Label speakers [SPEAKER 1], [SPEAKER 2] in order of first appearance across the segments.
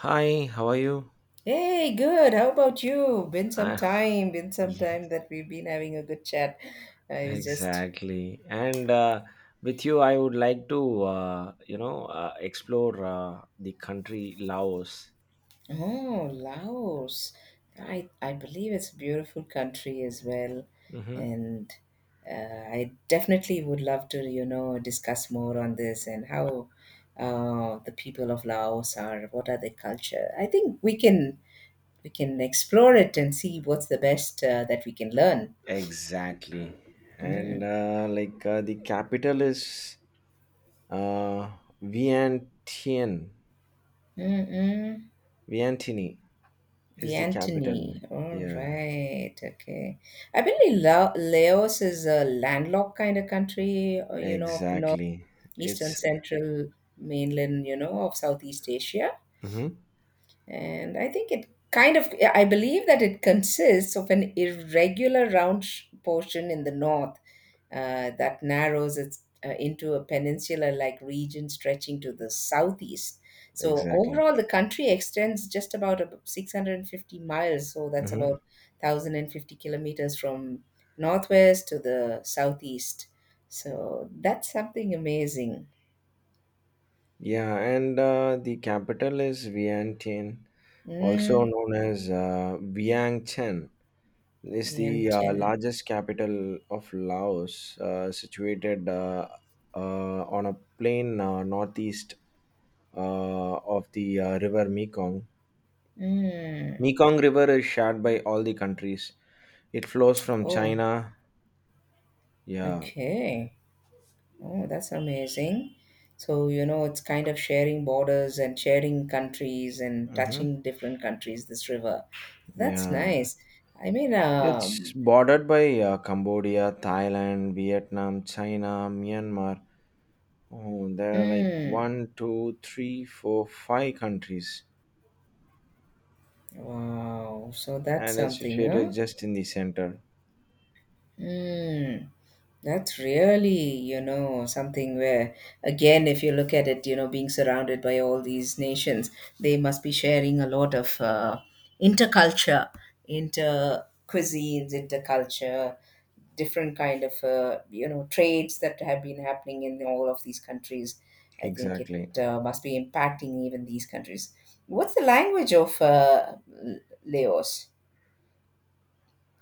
[SPEAKER 1] Hi, how are you?
[SPEAKER 2] Hey, good. How about you? Been some
[SPEAKER 1] Uh,
[SPEAKER 2] time, been some time
[SPEAKER 1] yes,
[SPEAKER 2] that we've been having a good chat. I was just,
[SPEAKER 1] exactly. And with you, I would like to, explore the country Laos.
[SPEAKER 2] oh, Laos. I believe it's a beautiful country as well,
[SPEAKER 1] Hmm.
[SPEAKER 2] and uh, I definitely would love to, you know, discuss more on this and how the people of Laos are, what are their culture. I think we can explore it and see what's the best that we can learn.
[SPEAKER 1] Exactly. And
[SPEAKER 2] Mm,
[SPEAKER 1] like the capital is uh, Vientiane.
[SPEAKER 2] mm, mm.
[SPEAKER 1] Vientiane is the capital.
[SPEAKER 2] Vientany. All
[SPEAKER 1] Yeah,
[SPEAKER 2] right. Okay. I believe Laos is a landlocked kind of country, you know, of the
[SPEAKER 1] exactly.
[SPEAKER 2] northeastern
[SPEAKER 1] It's.
[SPEAKER 2] central mainland, you know, of Southeast Asia.
[SPEAKER 1] Mhm.
[SPEAKER 2] And I think it kind of, I believe that it consists of an irregular round portion in the north that narrows it into a peninsula like region stretching to the southeast. So,
[SPEAKER 1] Exactly.
[SPEAKER 2] overall, the country extends just about 650 miles. So, that's
[SPEAKER 1] Mm-hmm.
[SPEAKER 2] about 1,050 kilometers from northwest to the southeast. So, that's something amazing.
[SPEAKER 1] Yeah, and the capital is Vientiane, also
[SPEAKER 2] Mm,
[SPEAKER 1] known as Vientiane. It's the
[SPEAKER 2] Vientiane.
[SPEAKER 1] largest capital of Laos, situated uh, on a plain northeast of the river Mekong.
[SPEAKER 2] Mm.
[SPEAKER 1] Mekong River is shared by all the countries. It flows from
[SPEAKER 2] Oh.
[SPEAKER 1] China. Yeah.
[SPEAKER 2] Okay. Oh, that's amazing. So, you know, it's kind of sharing borders and sharing countries and
[SPEAKER 1] Hmm.
[SPEAKER 2] touching different countries, this river. That's
[SPEAKER 1] Yeah.
[SPEAKER 2] nice. I mean,
[SPEAKER 1] It's
[SPEAKER 2] um,
[SPEAKER 1] bordered by Cambodia, Thailand, Vietnam, China, Myanmar. Oh, there are like
[SPEAKER 2] mm,
[SPEAKER 1] one, two, three, four, five countries,
[SPEAKER 2] wow. So that's
[SPEAKER 1] and it's
[SPEAKER 2] something,
[SPEAKER 1] situated
[SPEAKER 2] huh?
[SPEAKER 1] just in the center.
[SPEAKER 2] Mm, that's really, you know, something where, again, if you look at it, you know, being surrounded by all these nations, they must be sharing a lot of interculture, inter cuisines, interculture, different kind of, you know, trades that have been happening in all of these countries. I think it
[SPEAKER 1] Exactly.
[SPEAKER 2] must be impacting even these countries. What's the language of Laos?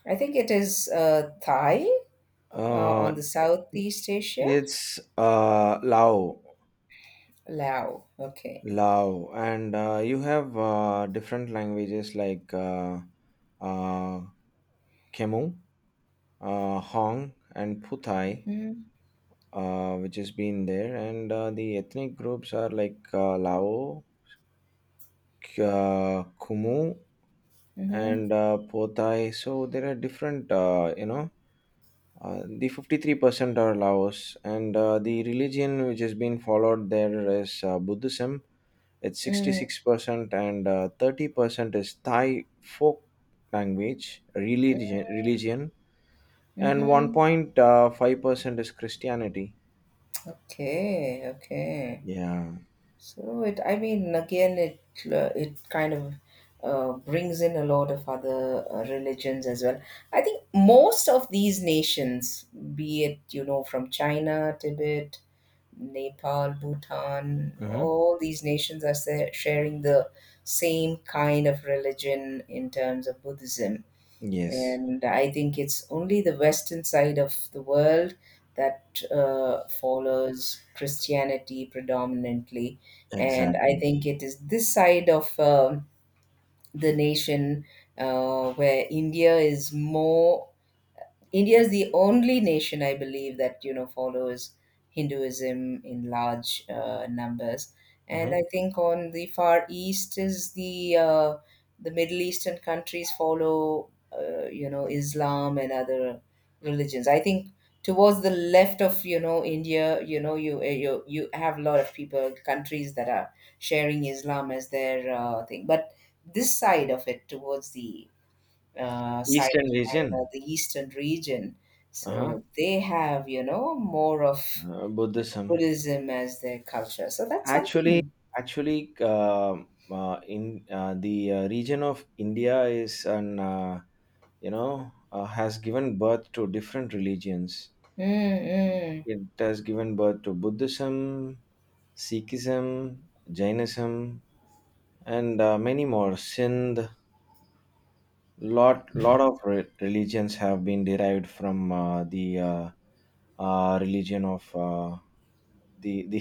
[SPEAKER 2] I think it is Thai on
[SPEAKER 1] Uh,
[SPEAKER 2] the Southeast Asia?
[SPEAKER 1] it's Lao,
[SPEAKER 2] Laos. Okay.
[SPEAKER 1] Lao, and you have different languages like uh, Khmer, Hong, and Puthai,
[SPEAKER 2] Mhm.
[SPEAKER 1] which has been there, and the ethnic groups are like Lao, Kumu
[SPEAKER 2] Mhm.
[SPEAKER 1] and Potai. So there are different, the 53% are Laos, and the religion which has been followed there is Buddhism. It's
[SPEAKER 2] Mm.
[SPEAKER 1] 66%, and 30% is Thai folk language, religion and
[SPEAKER 2] Mhm.
[SPEAKER 1] 1.5% is Christianity.
[SPEAKER 2] Okay. Okay.
[SPEAKER 1] Yeah.
[SPEAKER 2] So it. I mean, again, it brings in a lot of other religions as well. I think most of these nations, be it you know from China, Tibet, Nepal, Bhutan,
[SPEAKER 1] Mm-hmm.
[SPEAKER 2] all these nations are sharing the same kind of religion in terms of Buddhism,
[SPEAKER 1] Yes,
[SPEAKER 2] and I think it's only the Western side of the world that follows Christianity predominantly, and I
[SPEAKER 1] exactly.
[SPEAKER 2] think it is this side of the nation where India is the only nation, I believe, that you know follows Hinduism in large numbers, and
[SPEAKER 1] Mm-hmm.
[SPEAKER 2] I think on the Far East is the Middle Eastern countries follow you know Islam and other religions. I think towards the left of you know India, you know you have a lot of people countries that are sharing Islam as their thing, but this side of it towards the side of
[SPEAKER 1] Eastern
[SPEAKER 2] China,
[SPEAKER 1] region.
[SPEAKER 2] the eastern region.
[SPEAKER 1] Uh-huh.
[SPEAKER 2] So they have, you know, more of
[SPEAKER 1] Buddhism.
[SPEAKER 2] Buddhism as their culture. So that's
[SPEAKER 1] Actually,
[SPEAKER 2] something.
[SPEAKER 1] actually, in the region of India is an has given birth to different religions.
[SPEAKER 2] Mm-mm,
[SPEAKER 1] It has given birth to Buddhism, Sikhism, Jainism, and many more. Sindh, lot of religions have been derived from the religion of the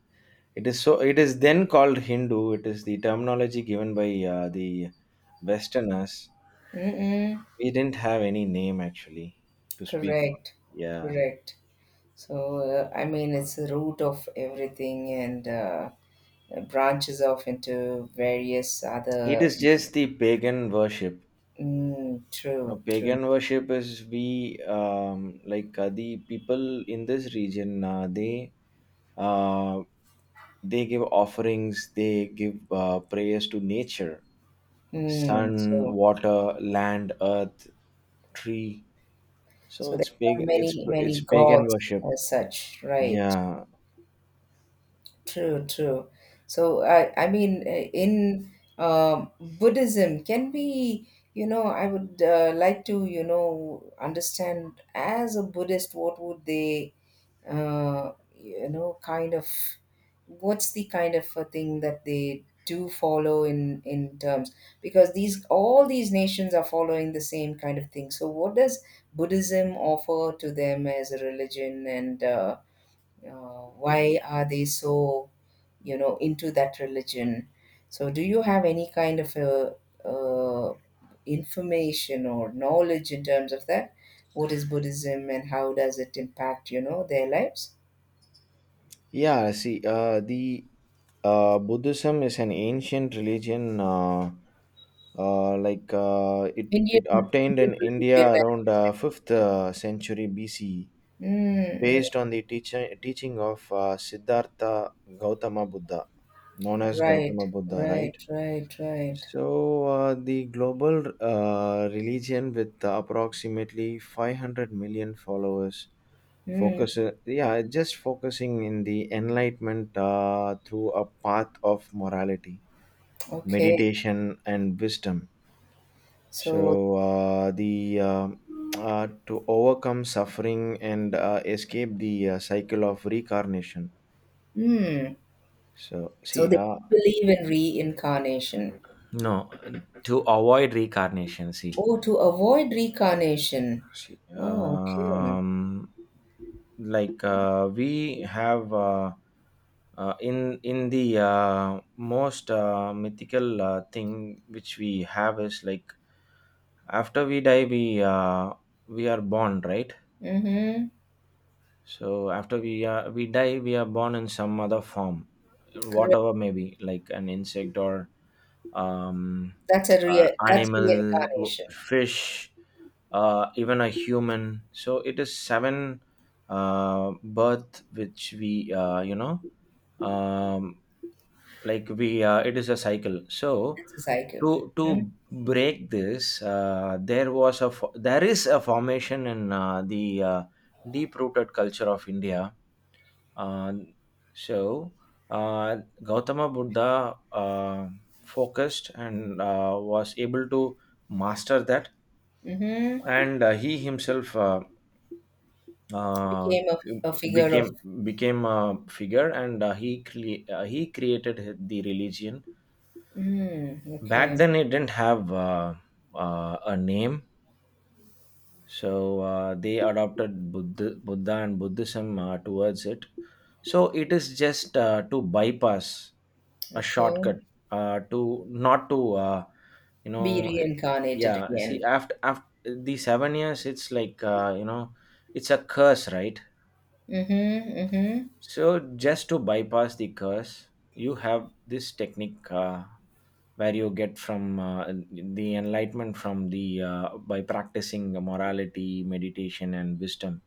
[SPEAKER 1] It is so. It is then called Hindu. It is the terminology given by the Westerners.
[SPEAKER 2] mm-mm.
[SPEAKER 1] We didn't have any name actually to speak on.
[SPEAKER 2] Correct,
[SPEAKER 1] Yeah,
[SPEAKER 2] correct. So I mean, it's the root of everything, and branches off into various
[SPEAKER 1] it
[SPEAKER 2] other.
[SPEAKER 1] is just the pagan worship.
[SPEAKER 2] Mm,
[SPEAKER 1] Now,
[SPEAKER 2] true, true.
[SPEAKER 1] pagan worship is we like the people in this region. Uh, they give offerings. They give prayers to nature,
[SPEAKER 2] Mm,
[SPEAKER 1] sun,
[SPEAKER 2] so,
[SPEAKER 1] water, land, earth, tree. So
[SPEAKER 2] so there
[SPEAKER 1] it's
[SPEAKER 2] are
[SPEAKER 1] pagan. It's
[SPEAKER 2] many,
[SPEAKER 1] it's
[SPEAKER 2] many
[SPEAKER 1] pagan
[SPEAKER 2] gods
[SPEAKER 1] worship.
[SPEAKER 2] as such, right?
[SPEAKER 1] Yeah,
[SPEAKER 2] True, true. So, I mean, in Buddhism, can we, you know, I would like to, you know, understand as a Buddhist, what would they, you know, kind of, what's the kind of a thing that they do follow in terms because these all these nations are following the same kind of thing. So, what does Buddhism offer to them as a religion, and why are they so? You know into that religion so do you have any kind of a, uh information or knowledge in terms of that what is buddhism and how does it impact you know their lives
[SPEAKER 1] yeah. See, the Buddhism is an ancient religion. Like it
[SPEAKER 2] indian,
[SPEAKER 1] obtained
[SPEAKER 2] indian
[SPEAKER 1] in India
[SPEAKER 2] religion as
[SPEAKER 1] around
[SPEAKER 2] you
[SPEAKER 1] fifth
[SPEAKER 2] said.
[SPEAKER 1] century B.C.,
[SPEAKER 2] Mm,
[SPEAKER 1] based
[SPEAKER 2] mm.
[SPEAKER 1] on the teaching of Siddhartha Gautama Buddha, known as
[SPEAKER 2] Right,
[SPEAKER 1] Gautama Buddha,
[SPEAKER 2] right,
[SPEAKER 1] right?
[SPEAKER 2] right, right.
[SPEAKER 1] So, the global religion with approximately 500 million followers.
[SPEAKER 2] Mm,
[SPEAKER 1] Just focusing in the enlightenment through a path of morality,
[SPEAKER 2] okay.
[SPEAKER 1] meditation, and wisdom.
[SPEAKER 2] So
[SPEAKER 1] So, the to overcome suffering and escape the cycle of reincarnation.
[SPEAKER 2] mm,
[SPEAKER 1] So,
[SPEAKER 2] so
[SPEAKER 1] see,
[SPEAKER 2] they believe in reincarnation.
[SPEAKER 1] no, to avoid reincarnation, see.
[SPEAKER 2] Oh, to avoid reincarnation.
[SPEAKER 1] She,
[SPEAKER 2] Oh, okay.
[SPEAKER 1] like we have in the most mythical thing which we have is like after we die, we are born, right?
[SPEAKER 2] Mm-hmm.
[SPEAKER 1] So after we die, we are born in some other form,
[SPEAKER 2] Correct.
[SPEAKER 1] whatever may be, like an insect or um,
[SPEAKER 2] That's a real. That's
[SPEAKER 1] animal,
[SPEAKER 2] reincarnation.
[SPEAKER 1] fish, even a human. So it is seven birth which we um, like we it is a cycle. So
[SPEAKER 2] That's a cycle.
[SPEAKER 1] to
[SPEAKER 2] Hmm.
[SPEAKER 1] to break this, there is a formation in the deep rooted culture of India. Uh, so uh, Gautama Buddha focused and was able to master that,
[SPEAKER 2] Hmm.
[SPEAKER 1] and he himself. Uh,
[SPEAKER 2] Became a figure of.
[SPEAKER 1] became became a figure, and he created the religion.
[SPEAKER 2] Mm,
[SPEAKER 1] Back
[SPEAKER 2] okay.
[SPEAKER 1] then it didn't have a name, so they adopted Buddha and Buddhism towards it. So it is just to bypass, a
[SPEAKER 2] Okay.
[SPEAKER 1] shortcut to not to you know
[SPEAKER 2] Be
[SPEAKER 1] it-
[SPEAKER 2] reincarnated
[SPEAKER 1] yeah, see,
[SPEAKER 2] again.
[SPEAKER 1] after the 7 years, it's like it's a curse, right?
[SPEAKER 2] Mm-hmm. Mm-hmm.
[SPEAKER 1] So, just to bypass the curse, you have this technique where you get from the enlightenment from the by practicing morality, meditation, and wisdom.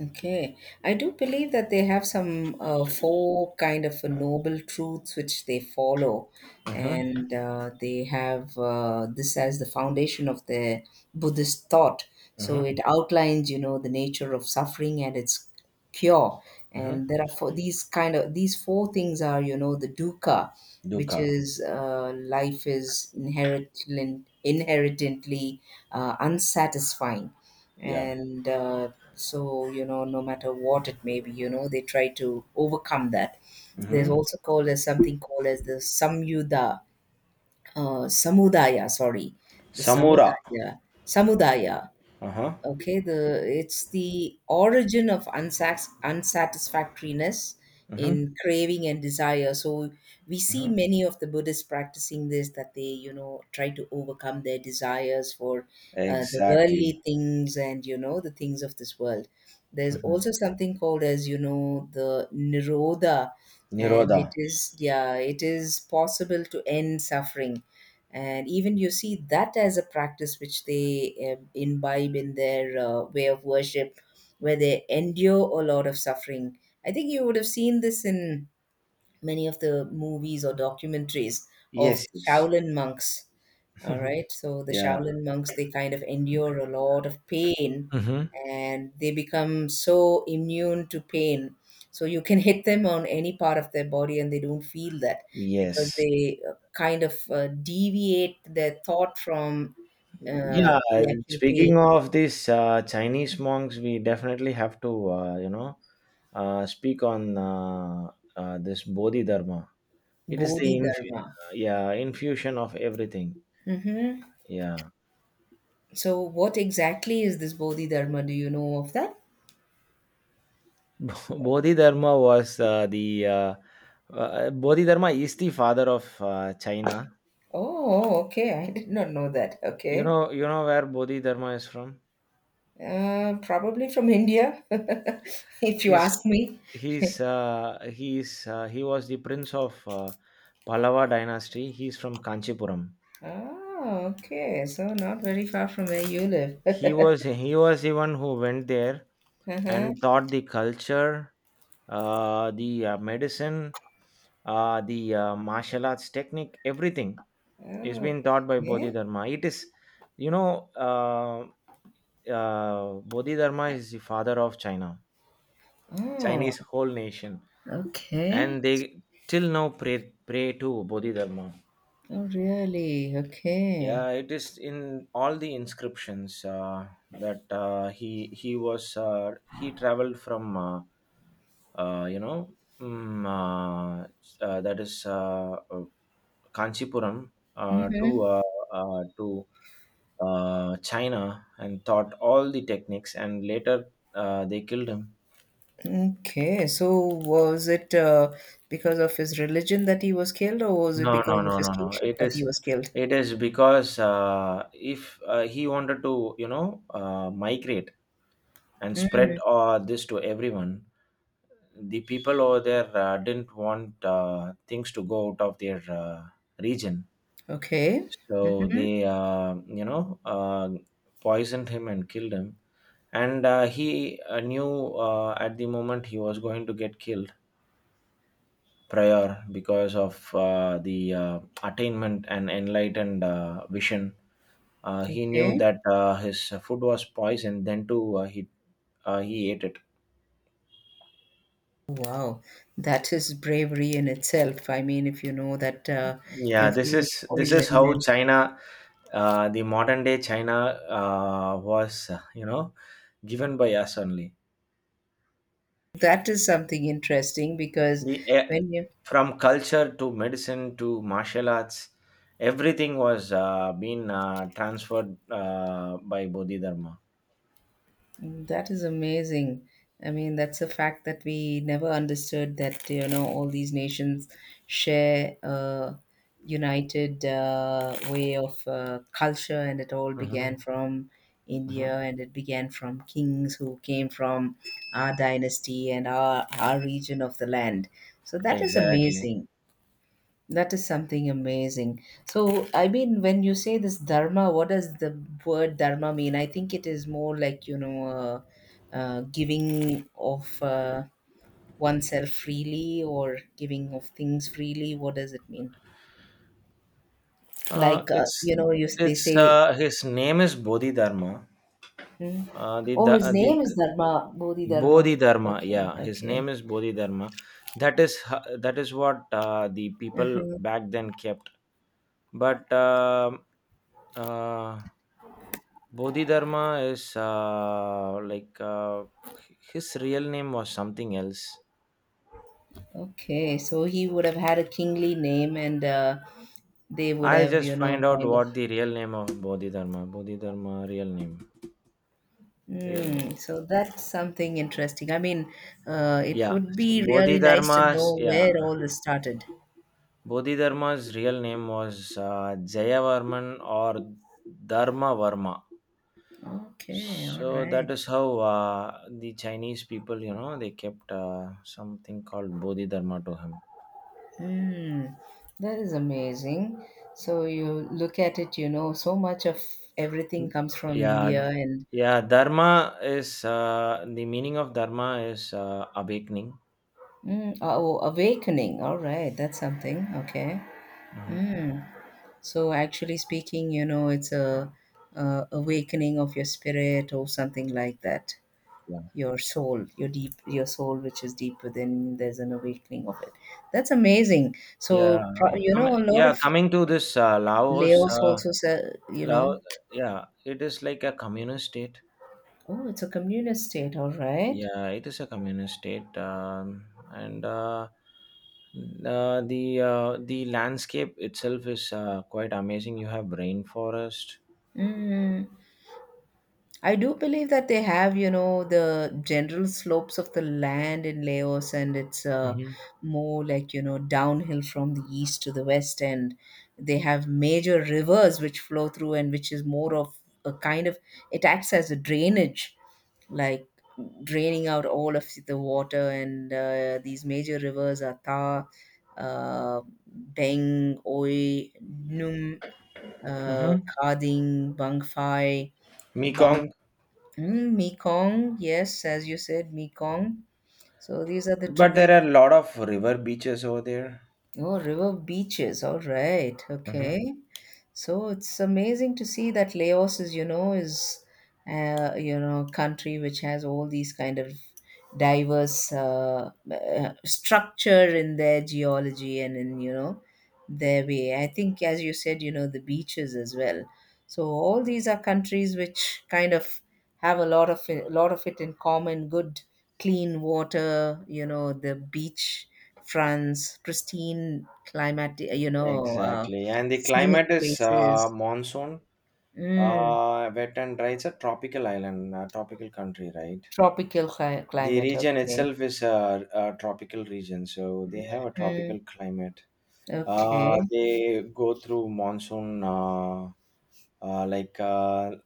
[SPEAKER 2] Okay. I do believe that they have some four kind of noble truths which they follow.
[SPEAKER 1] Mm-hmm,
[SPEAKER 2] And they have this as the foundation of the Buddhist thought. So
[SPEAKER 1] mm-hmm,
[SPEAKER 2] it outlines, you know, the nature of suffering and its cure.
[SPEAKER 1] mm-hmm.
[SPEAKER 2] And there are four, these kind of these four things are, you know, the dukkha, which
[SPEAKER 1] Dukkha,
[SPEAKER 2] is life is inherently unsatisfying,
[SPEAKER 1] yeah.
[SPEAKER 2] and so, you know, no matter what it may be, you know, they try to overcome that. There's
[SPEAKER 1] Mm-hmm.
[SPEAKER 2] also called as something called as the Samyuda, Samudaya, sorry, the
[SPEAKER 1] Samura.
[SPEAKER 2] Samudaya, Samudaya.
[SPEAKER 1] Uh-huh.
[SPEAKER 2] Okay, the it's the origin of unsax unsatisfactoriness
[SPEAKER 1] Mm-hmm,
[SPEAKER 2] in craving and desire. So we see
[SPEAKER 1] mm-hmm.
[SPEAKER 2] many of the Buddhists practicing this that they, you know, try to overcome their desires for the
[SPEAKER 1] Exactly.
[SPEAKER 2] worldly things and you know the things of this world. There's also
[SPEAKER 1] Hmm.
[SPEAKER 2] something called as you know the nirodha, and
[SPEAKER 1] Nirodha.
[SPEAKER 2] it is yeah, it is possible to end suffering and even you see that as a practice which they imbibe in their way of worship where they endure a lot of suffering. I think you would have seen this in many of the movies or documentaries of
[SPEAKER 1] Yes, yes.
[SPEAKER 2] Shaolin monks. All right. So the
[SPEAKER 1] Yeah.
[SPEAKER 2] Shaolin monks, they kind of endure a lot of pain
[SPEAKER 1] Mm-hmm.
[SPEAKER 2] and they become so immune to pain. So you can hit them on any part of their body and they don't feel that because
[SPEAKER 1] Yes.
[SPEAKER 2] they deviate their thought from
[SPEAKER 1] Yeah.
[SPEAKER 2] the actual pain.
[SPEAKER 1] Speaking of these Chinese monks, we definitely have to, speak on this Bodhidharma. It is the
[SPEAKER 2] Bodhi Dharma.
[SPEAKER 1] infusion of everything.
[SPEAKER 2] Hmm.
[SPEAKER 1] Yeah,
[SPEAKER 2] So, what exactly is this Bodhi Dharma? Do you know of that?
[SPEAKER 1] Bodhidharma was uh, the uh, Bodhidharma is the father of China.
[SPEAKER 2] Oh, okay. I did not know that.
[SPEAKER 1] You
[SPEAKER 2] Okay.
[SPEAKER 1] know, you know where Bodhidharma is from.
[SPEAKER 2] Probably from India, if you
[SPEAKER 1] He's
[SPEAKER 2] ask me.
[SPEAKER 1] he was the prince of Pallava dynasty. He's from Kanchipuram.
[SPEAKER 2] Oh, okay. So not very far from where you live.
[SPEAKER 1] He was the one who went there
[SPEAKER 2] Uh-huh.
[SPEAKER 1] and taught the culture, the medicine, the martial arts technique. Everything is being taught by
[SPEAKER 2] Okay.
[SPEAKER 1] Bodhidharma. It is, you know, Bodhidharma is the father of China,
[SPEAKER 2] Oh,
[SPEAKER 1] Chinese whole nation,
[SPEAKER 2] okay.
[SPEAKER 1] and they till now pray to Bodhidharma.
[SPEAKER 2] Oh, really? Okay.
[SPEAKER 1] Yeah, it is in all the inscriptions that he traveled from uh, you know mm, uh, that is Kanchipuram to uh, to China, and taught all the techniques, and later they killed him.
[SPEAKER 2] Okay. So was it because of his religion that he was killed, or was it
[SPEAKER 1] No, no,
[SPEAKER 2] because of
[SPEAKER 1] no,
[SPEAKER 2] his
[SPEAKER 1] no, no.
[SPEAKER 2] kingship
[SPEAKER 1] It
[SPEAKER 2] that he
[SPEAKER 1] is,
[SPEAKER 2] was killed?
[SPEAKER 1] it is because if he wanted to, migrate and spread this to everyone, the people over there didn't want things to go out of their region.
[SPEAKER 2] Okay.
[SPEAKER 1] So
[SPEAKER 2] Hmm.
[SPEAKER 1] they, poisoned him and killed him. And he knew at the moment he was going to get killed, prior, because of the attainment and enlightened vision. He knew
[SPEAKER 2] Okay.
[SPEAKER 1] that his food was poison. Then too, he ate it.
[SPEAKER 2] Wow, that is bravery in itself. I mean, if you know that
[SPEAKER 1] Yeah,
[SPEAKER 2] your
[SPEAKER 1] this
[SPEAKER 2] food is
[SPEAKER 1] is this
[SPEAKER 2] poisoned,
[SPEAKER 1] is how
[SPEAKER 2] then
[SPEAKER 1] China, the modern day China, was given by us only.
[SPEAKER 2] that is something interesting because
[SPEAKER 1] The eh,
[SPEAKER 2] when you
[SPEAKER 1] from culture to medicine to martial arts, everything was being transferred by Bodhidharma.
[SPEAKER 2] that is amazing. I mean, that's a fact that we never understood that, you know, all these nations share a united way of culture, and it all
[SPEAKER 1] Mm-hmm.
[SPEAKER 2] began from India and it began from kings who came from our dynasty and our region of the land. So that is
[SPEAKER 1] Exactly.
[SPEAKER 2] amazing. That is something amazing. So, I mean, when you say this dharma, what does the word dharma mean? I think it is more like, you know, giving of oneself freely or giving of things freely. What does it mean?
[SPEAKER 1] Uh,
[SPEAKER 2] Like,
[SPEAKER 1] it's
[SPEAKER 2] you know, you, they
[SPEAKER 1] it's
[SPEAKER 2] say,
[SPEAKER 1] his name is Bodhidharma.
[SPEAKER 2] hmm? Oh, his
[SPEAKER 1] The
[SPEAKER 2] name is Dharma, Bodhidharma.
[SPEAKER 1] Bodhidharma,
[SPEAKER 2] Okay,
[SPEAKER 1] yeah, his name
[SPEAKER 2] okay.
[SPEAKER 1] is Bodhidharma. That is what the people
[SPEAKER 2] Hmm.
[SPEAKER 1] back then kept. But uh, Bodhidharma is like his real name was something else.
[SPEAKER 2] Okay, so he would have had a kingly name and they would
[SPEAKER 1] I'll
[SPEAKER 2] have,
[SPEAKER 1] just
[SPEAKER 2] you know,
[SPEAKER 1] find out
[SPEAKER 2] kind of.
[SPEAKER 1] what the real name of Bodhidharma. Bodhidharma, real name, real name.
[SPEAKER 2] Mm, so that's something interesting. I mean, it
[SPEAKER 1] Yeah,
[SPEAKER 2] would be really nice to
[SPEAKER 1] Bodhidharma.
[SPEAKER 2] know
[SPEAKER 1] Yeah,
[SPEAKER 2] where all this started.
[SPEAKER 1] Bodhidharma's real name was Jayavarman or Dharma Varma.
[SPEAKER 2] Okay, all
[SPEAKER 1] So
[SPEAKER 2] right.
[SPEAKER 1] that is how the Chinese people, they kept something called Bodhidharma to him.
[SPEAKER 2] Mm, that is amazing. So you look at it, you know, so much of everything
[SPEAKER 1] Mm.
[SPEAKER 2] comes from
[SPEAKER 1] Yeah,
[SPEAKER 2] India and
[SPEAKER 1] yeah. Dharma is, the meaning of dharma is, awakening.
[SPEAKER 2] mm, oh, awakening. All right, that's something. Okay.
[SPEAKER 1] Mhm.
[SPEAKER 2] Mm. So actually speaking, you know, it's a awakening of your spirit or something like that.
[SPEAKER 1] Yeah,
[SPEAKER 2] Your soul your deep your soul which is deep within there's an awakening of it. That's amazing so
[SPEAKER 1] yeah.
[SPEAKER 2] you know
[SPEAKER 1] Coming,
[SPEAKER 2] a lot
[SPEAKER 1] yeah.
[SPEAKER 2] of
[SPEAKER 1] Coming to this Laos,
[SPEAKER 2] laos also say, you
[SPEAKER 1] Laos.
[SPEAKER 2] know
[SPEAKER 1] Yeah, it is like a communist state.
[SPEAKER 2] oh it's a communist state all right.
[SPEAKER 1] Yeah, it is a communist state, and the landscape itself is quite amazing. You have rainforest,
[SPEAKER 2] Mm. I do believe that they have, you know, the general slopes of the land in Laos, and it's
[SPEAKER 1] mm-hmm.
[SPEAKER 2] more like, you know, downhill from the east to the west. And they have major rivers which flow through, and which is more of a kind of, it acts as a drainage, like draining out all of the water. And these major rivers are Tha, uh, Deng, Oi, Num, uh,
[SPEAKER 1] Mm-hmm.
[SPEAKER 2] Khading, Bang Phai.
[SPEAKER 1] Mekong,
[SPEAKER 2] Mm, Mekong, yes, as you said, Mekong. So these are the
[SPEAKER 1] but there
[SPEAKER 2] tribute.
[SPEAKER 1] are a lot of river beaches over there.
[SPEAKER 2] Oh, river beaches. All right.
[SPEAKER 1] Hmm.
[SPEAKER 2] Okay. So it's amazing to see that Laos is you know, country which has all these kind of diverse structure in their geology and in, you know, their way. I think, as you said, you know, the beaches as well. So all these are countries which kind of have a lot of it in common. Good clean water, you know, the beach fronts, pristine climatic, you know,
[SPEAKER 1] Exactly, and the
[SPEAKER 2] scenic
[SPEAKER 1] climate is
[SPEAKER 2] places.
[SPEAKER 1] monsoon,
[SPEAKER 2] Mm,
[SPEAKER 1] wet and dry. It's a tropical island, a tropical country, right?
[SPEAKER 2] tropical
[SPEAKER 1] The
[SPEAKER 2] climate.
[SPEAKER 1] region
[SPEAKER 2] Okay.
[SPEAKER 1] itself is a tropical region, so they have a
[SPEAKER 2] Mm,
[SPEAKER 1] tropical climate. Uh,
[SPEAKER 2] okay.
[SPEAKER 1] they go through monsoon, like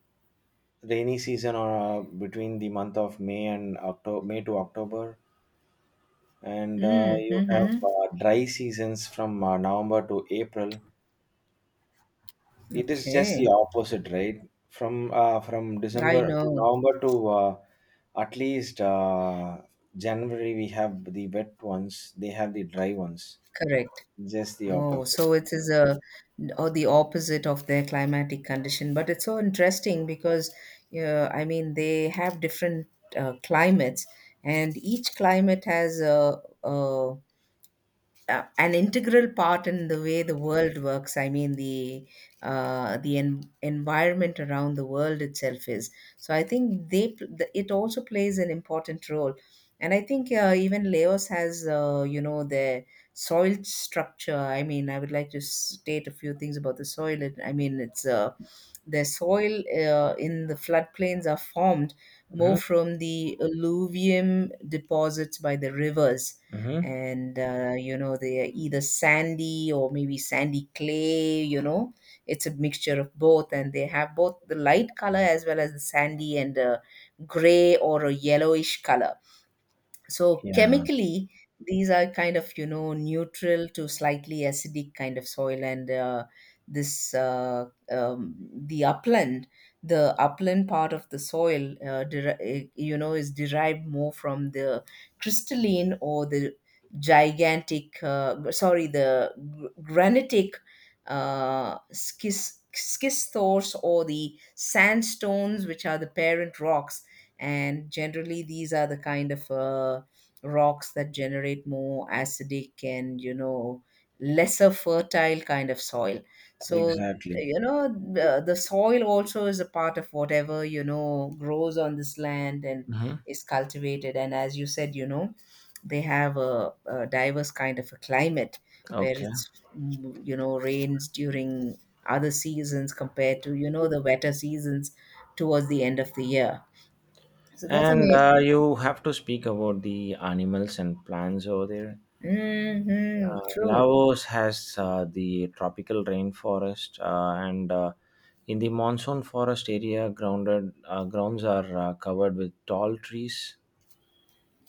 [SPEAKER 1] rainy season, or between the month of May and October, May to October, and
[SPEAKER 2] Mm,
[SPEAKER 1] you have
[SPEAKER 2] hmm.
[SPEAKER 1] dry seasons from November to April. It is just the
[SPEAKER 2] Okay.
[SPEAKER 1] opposite, right? From
[SPEAKER 2] I
[SPEAKER 1] December to
[SPEAKER 2] know.
[SPEAKER 1] November to at least January, we have the wet ones. They have the dry ones.
[SPEAKER 2] Correct.
[SPEAKER 1] Just the
[SPEAKER 2] Oh,
[SPEAKER 1] opposite.
[SPEAKER 2] so it is a or the opposite of their climatic condition. But it's so interesting because, I mean, they have different climates, and each climate has a an integral part in the way the world works. I mean, the environment around the world itself is. So I think they the, it also plays an important role. And I think even Laos has, their soil structure. I mean, I would like to state a few things about the soil. It, I mean, it's the soil in the floodplains are formed more
[SPEAKER 1] Hmm.
[SPEAKER 2] from the alluvium deposits by the rivers
[SPEAKER 1] Hmm.
[SPEAKER 2] and you know they are either sandy or maybe sandy clay. You know, it's a mixture of both, and they have both the light color as well as the sandy and gray or a yellowish color. So
[SPEAKER 1] Yeah,
[SPEAKER 2] chemically these are kind of, you know, neutral to slightly acidic kind of soil. And this the upland part of the soil you know, is derived more from the crystalline or the gigantic gr- sorry the gr- granitic schistors or the sandstones, which are the parent rocks. And generally these are the kind of rocks that generate more acidic and, you know, lesser fertile kind of soil. So
[SPEAKER 1] exactly.
[SPEAKER 2] you know, the soil also is a part of whatever, you know, grows on this land and
[SPEAKER 1] Hmm.
[SPEAKER 2] is cultivated. And as you said, you know, they have a diverse kind of a climate where
[SPEAKER 1] Okay.
[SPEAKER 2] it's, you know, rains during other seasons compared to, you know, the wetter seasons towards the end of the year. So that's
[SPEAKER 1] And
[SPEAKER 2] amazing.
[SPEAKER 1] you have to speak about the animals and plants over there.
[SPEAKER 2] Hmm. True.
[SPEAKER 1] Laos has the tropical rainforest, and in the monsoon forest area, grounded grounds are covered with tall trees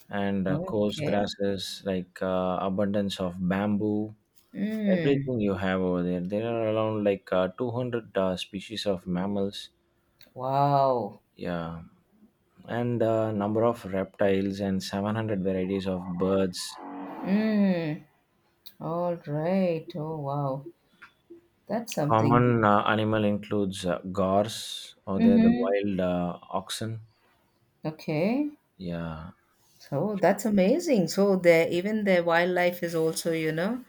[SPEAKER 1] and coarse
[SPEAKER 2] Okay.
[SPEAKER 1] grasses, like abundance of bamboo.
[SPEAKER 2] Mm.
[SPEAKER 1] Everything you have over there. There are around like 200 species of mammals.
[SPEAKER 2] Wow.
[SPEAKER 1] Yeah. And the number of reptiles and 700 varieties of birds.
[SPEAKER 2] Mm. All right. Oh, wow. That's something.
[SPEAKER 1] Common animal includes gorse, or they're the
[SPEAKER 2] Mm-hmm.
[SPEAKER 1] wild oxen.
[SPEAKER 2] Okay.
[SPEAKER 1] Yeah,
[SPEAKER 2] So that's amazing. So the even the wildlife is also, you know,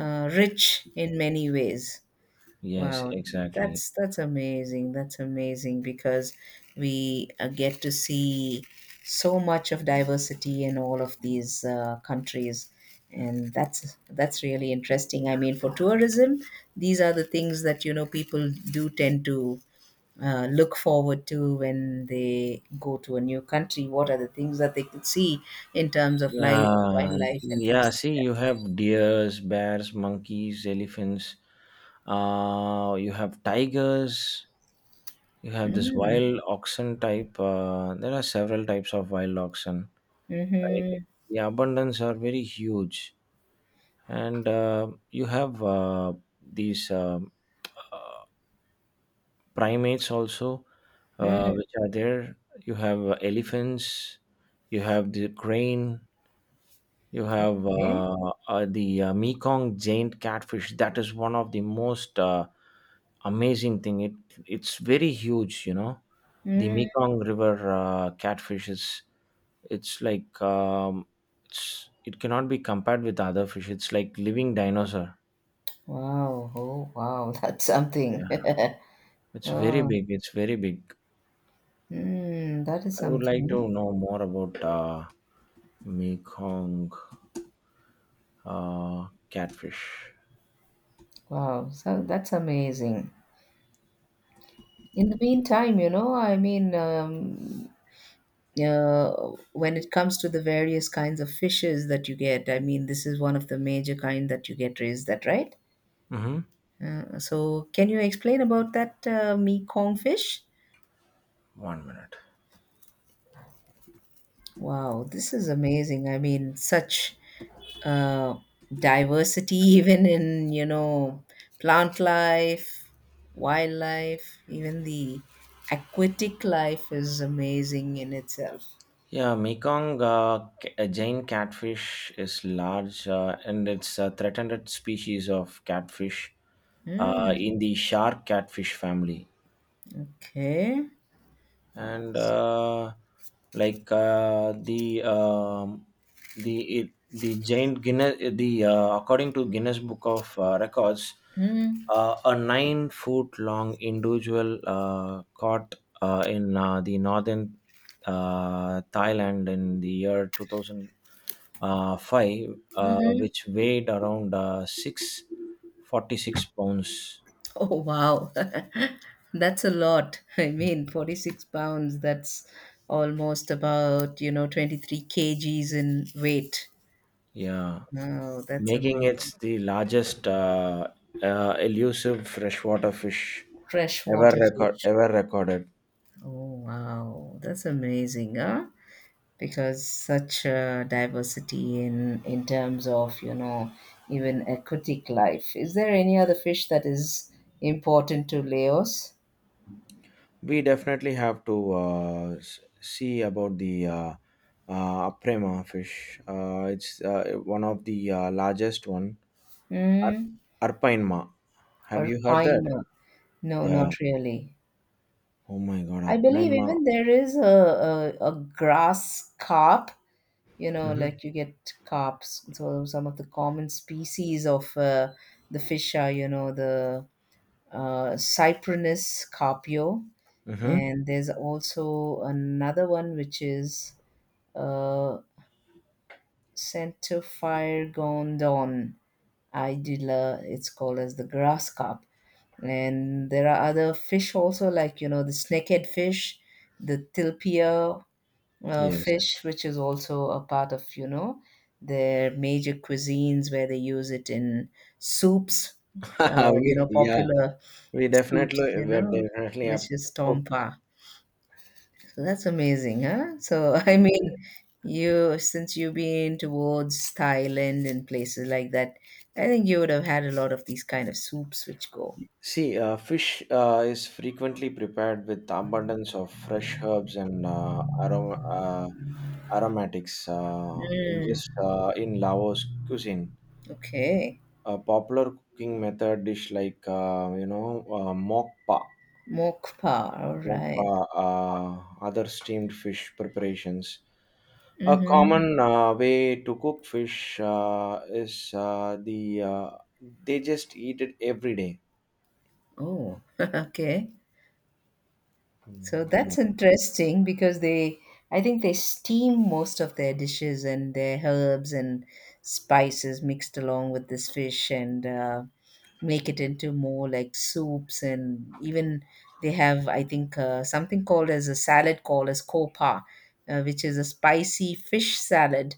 [SPEAKER 2] rich in many ways.
[SPEAKER 1] yes,
[SPEAKER 2] Wow,
[SPEAKER 1] exactly.
[SPEAKER 2] that's amazing. That's amazing because we get to see so much of diversity in all of these countries, and that's really interesting. I mean, for tourism, these are the things that, you know, people do tend to look forward to when they go to a new country. What are the things that they could see in terms of life,
[SPEAKER 1] Yeah,
[SPEAKER 2] wildlife, and
[SPEAKER 1] yeah.
[SPEAKER 2] things like
[SPEAKER 1] See,
[SPEAKER 2] that?
[SPEAKER 1] you have deers, bears, monkeys, elephants. You have tigers. You have this
[SPEAKER 2] Mm,
[SPEAKER 1] wild oxen type. There are several types of wild oxen, right?
[SPEAKER 2] mm-hmm,
[SPEAKER 1] The abundance are very huge. And you have these primates also,
[SPEAKER 2] mm,
[SPEAKER 1] which are there. You have elephants. You have the crane. You have
[SPEAKER 2] okay.
[SPEAKER 1] the Mekong giant catfish. That is one of the most amazing thing. It's very huge. The
[SPEAKER 2] Mm.
[SPEAKER 1] Mekong river catfish is, it's like, it cannot be compared with other fish. It's like living dinosaur.
[SPEAKER 2] Wow. Oh, wow. That's
[SPEAKER 1] Yeah.
[SPEAKER 2] something.
[SPEAKER 1] It's very
[SPEAKER 2] Oh,
[SPEAKER 1] big. It's very big.
[SPEAKER 2] mm, that is
[SPEAKER 1] I would like
[SPEAKER 2] something.
[SPEAKER 1] to know more about Mekong catfish.
[SPEAKER 2] Wow. So that's amazing. In the meantime, you know, I mean, when it comes to the various kinds of fishes that you get, I mean, this is one of the major kind that you get. Is that right?
[SPEAKER 1] Hmm.
[SPEAKER 2] So, can you explain about that Mekong fish?
[SPEAKER 1] 1 minute.
[SPEAKER 2] Wow, this is amazing. I mean, such uh, diversity even in, you know, plant life, wildlife, even the aquatic life is amazing in itself.
[SPEAKER 1] Yeah, Mekong giant catfish is large, and it's a threatened species of catfish
[SPEAKER 2] Mm,
[SPEAKER 1] in the shark catfish family.
[SPEAKER 2] okay.
[SPEAKER 1] And like uh, the um, the giant Guinness the according to Guinness Book of Records,
[SPEAKER 2] Mm,
[SPEAKER 1] a 9 foot long individual caught in the northern Thailand in the year 2005,
[SPEAKER 2] mm-hmm.
[SPEAKER 1] which weighed around 646 pounds.
[SPEAKER 2] Oh, wow. That's a lot. I mean, 46 pounds, that's almost about, you know, 23 kgs in weight.
[SPEAKER 1] Yeah.
[SPEAKER 2] Wow, that's
[SPEAKER 1] Making
[SPEAKER 2] amazing.
[SPEAKER 1] it the largest elusive freshwater fish
[SPEAKER 2] Freshwater fish.
[SPEAKER 1] ever recorded.
[SPEAKER 2] Oh, wow. That's amazing, huh? Because such a diversity in terms of, you know, even aquatic life. Is there any other fish that is important to Laos?
[SPEAKER 1] We definitely have to see about the aprema fish. It's one of the largest one. Ar-
[SPEAKER 2] Mm,
[SPEAKER 1] Arpaima. Have
[SPEAKER 2] or
[SPEAKER 1] you heard that?
[SPEAKER 2] pine? No,
[SPEAKER 1] Yeah.
[SPEAKER 2] not really.
[SPEAKER 1] Oh my God,
[SPEAKER 2] I believe
[SPEAKER 1] Aprema.
[SPEAKER 2] even there is a grass carp, you know,
[SPEAKER 1] Mm-hmm.
[SPEAKER 2] like you get carps. So some of the common species of the fish are, you know, the Cyprinus carpio,
[SPEAKER 1] Mm-hmm.
[SPEAKER 2] and there's also another one which is uh, Centophire gondon idula. It's called as the grass carp, and there are other fish also like, you know, the snakehead fish, the tilpia,
[SPEAKER 1] Yes.
[SPEAKER 2] fish, which is also a part of, you know, their major cuisines where they use it in soups, uh, you
[SPEAKER 1] we,
[SPEAKER 2] know,
[SPEAKER 1] yeah,
[SPEAKER 2] popular
[SPEAKER 1] we definitely
[SPEAKER 2] soups, you
[SPEAKER 1] we're
[SPEAKER 2] know,
[SPEAKER 1] definitely have
[SPEAKER 2] which
[SPEAKER 1] to
[SPEAKER 2] is tompa. So that's amazing, huh? So, I
[SPEAKER 1] cook.
[SPEAKER 2] mean, you, since you've been towards Thailand and places like that, I think you would have had a lot of these kind of soups which go.
[SPEAKER 1] See, fish is frequently prepared with abundance of fresh herbs and aromatics. In Laos cuisine,
[SPEAKER 2] Okay.
[SPEAKER 1] a popular cooking method dish like
[SPEAKER 2] Mokpa, all
[SPEAKER 1] mock pa,
[SPEAKER 2] right.
[SPEAKER 1] other steamed fish preparations. A common way to cook fish is they just eat it every day.
[SPEAKER 2] Oh, okay. So
[SPEAKER 1] Yeah.
[SPEAKER 2] that's interesting because they, I think they steam most of their dishes and their herbs and spices mixed along with this fish and make it into more like soups, and even they have, I think, something called as a salad called as copa, which is a spicy fish salad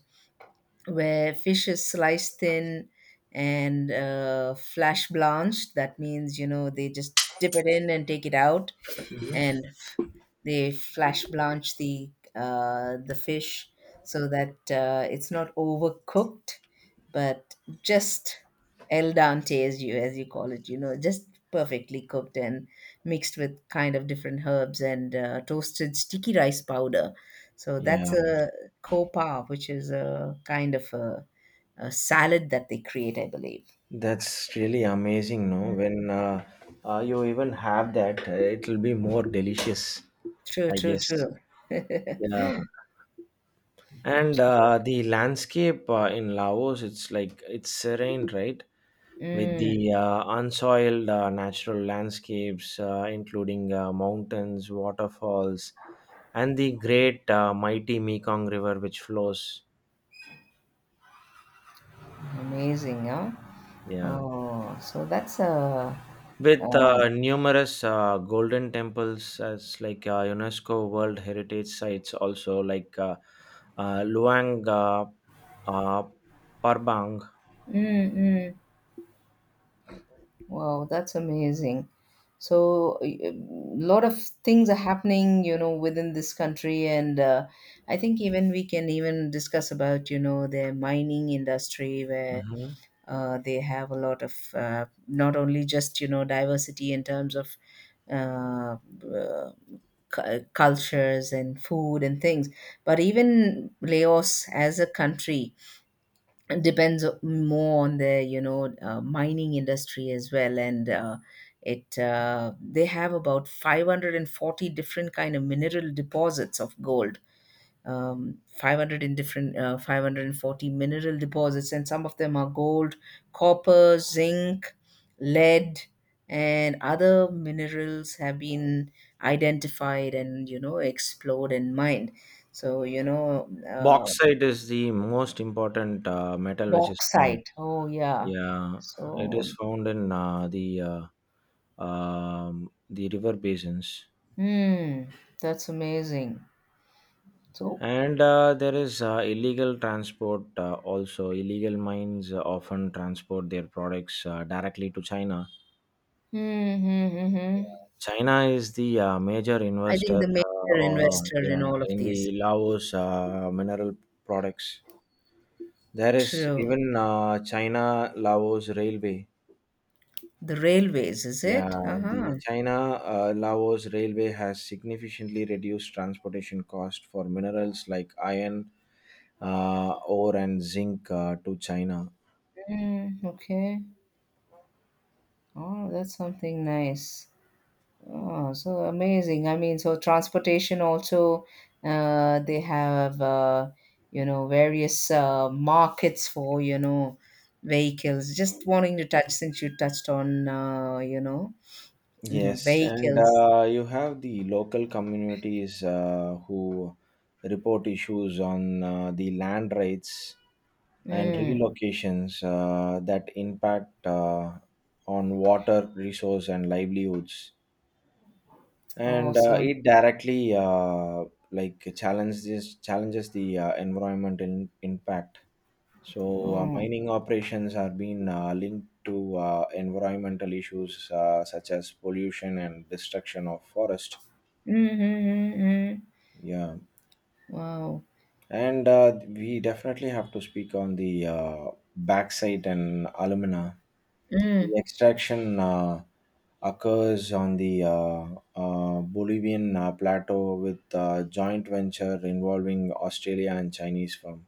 [SPEAKER 2] where fish is sliced thin and flash blanched. That means, you know, they just dip it in and take it out, and f- they flash blanch the fish so that it's not overcooked, but just el dente, as you call it, you know, just perfectly cooked and mixed with kind of different herbs and toasted sticky rice powder. So that's
[SPEAKER 1] Yeah.
[SPEAKER 2] a copa, which is a kind of a salad that they create, I believe.
[SPEAKER 1] That's really amazing, no?
[SPEAKER 2] Mm.
[SPEAKER 1] When you even have that, it'll be more delicious,
[SPEAKER 2] True,
[SPEAKER 1] I
[SPEAKER 2] true,
[SPEAKER 1] guess.
[SPEAKER 2] true.
[SPEAKER 1] Yeah. And
[SPEAKER 2] True.
[SPEAKER 1] the landscape in Laos, it's like it's serene, right? With
[SPEAKER 2] Mm,
[SPEAKER 1] the unsoiled natural landscapes, including mountains, waterfalls, and the great mighty Mekong River, which flows.
[SPEAKER 2] amazing, huh?
[SPEAKER 1] Yeah.
[SPEAKER 2] Oh, so that's a.
[SPEAKER 1] With
[SPEAKER 2] Uh,
[SPEAKER 1] numerous golden temples as like UNESCO World Heritage sites, also like Luang uh, Parbang.
[SPEAKER 2] mm, mm. Wow, that's amazing. So a lot of things are happening, you know, within this country, and I think even we can even discuss about, you know, the mining industry where
[SPEAKER 1] Mhm.
[SPEAKER 2] they have a lot of not only just, you know, diversity in terms of uh, uh, cultures and food and things, but even laos as a country depends more on the, you know, mining industry as well. And it they have about 540 different kind of mineral deposits of gold. Um, 500 in different 540 mineral deposits, and some of them are gold, copper, zinc, lead, and other minerals have been identified and, you know, explored and mined. So you know,
[SPEAKER 1] Bauxite is the most important metal which is found.
[SPEAKER 2] bauxite, oh yeah.
[SPEAKER 1] Yeah, it
[SPEAKER 2] So
[SPEAKER 1] is found in the river basins.
[SPEAKER 2] hmm, that's amazing. So
[SPEAKER 1] And there is illegal transport also. Illegal mines often transport their products directly to China.
[SPEAKER 2] hmm, hmm, hmm, hmm.
[SPEAKER 1] China is the major
[SPEAKER 2] I think
[SPEAKER 1] investor
[SPEAKER 2] the major investor in
[SPEAKER 1] yeah,
[SPEAKER 2] all of
[SPEAKER 1] in
[SPEAKER 2] these.
[SPEAKER 1] the Laos mineral products. There is
[SPEAKER 2] True,
[SPEAKER 1] even China Laos Railway.
[SPEAKER 2] the railways, is it,
[SPEAKER 1] Yeah,
[SPEAKER 2] uh-huh.
[SPEAKER 1] the China Laos Railway has significantly reduced transportation cost for minerals like iron, uh, ore, and zinc to China.
[SPEAKER 2] Mm, okay. Oh, that's something nice. Oh, so amazing. I mean, so transportation also, they have, you know, various markets for, you know, vehicles. Just wanting to touch, since you touched on, you know, mhm,
[SPEAKER 1] Yes, and
[SPEAKER 2] vehicles.
[SPEAKER 1] you have the local communities who report issues on the land rights and
[SPEAKER 2] Mm,
[SPEAKER 1] relocations that impact on water resource and livelihoods, and
[SPEAKER 2] awesome.
[SPEAKER 1] it directly like challenges the environmental impact. So,
[SPEAKER 2] Oh,
[SPEAKER 1] mining operations are being linked to environmental issues such as pollution and destruction of forest.
[SPEAKER 2] mm-hmm, mm-hmm. Mm-hmm.
[SPEAKER 1] Yeah,
[SPEAKER 2] Wow.
[SPEAKER 1] and we definitely have to speak on the backside and alumina. The
[SPEAKER 2] Mm.
[SPEAKER 1] extraction occurs on the Bolivian plateau with joint venture involving Australia and Chinese firm.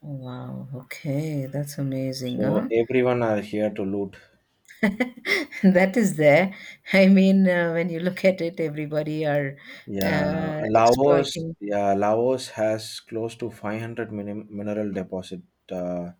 [SPEAKER 2] Oh, wow. Okay, that's amazing,
[SPEAKER 1] So
[SPEAKER 2] huh?
[SPEAKER 1] everyone are here to loot.
[SPEAKER 2] That is there. I mean, when you look at it, everybody are
[SPEAKER 1] Yeah,
[SPEAKER 2] exploiting
[SPEAKER 1] Yeah, Laos has close to 500 min mineral deposit uh,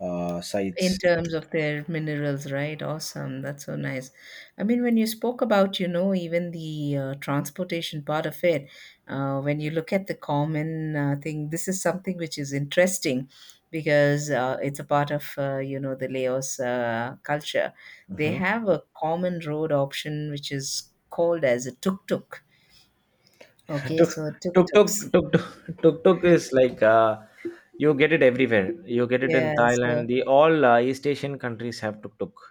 [SPEAKER 2] in
[SPEAKER 1] sites.
[SPEAKER 2] terms of their minerals, right? Awesome. That's so nice. I mean, when you spoke about, you know, even the transportation part of it, when you look at the common thing, this is something which is interesting because it's a part of, you know, the Laos culture. They
[SPEAKER 1] Mhm.
[SPEAKER 2] have a common road option which is called as a tuk-tuk. Okay,
[SPEAKER 1] tuk
[SPEAKER 2] so tuk-tuks.
[SPEAKER 1] tuk is like you get it everywhere. You get it in
[SPEAKER 2] Yeah, so
[SPEAKER 1] Thailand. The all East Asian countries have tuk tuk.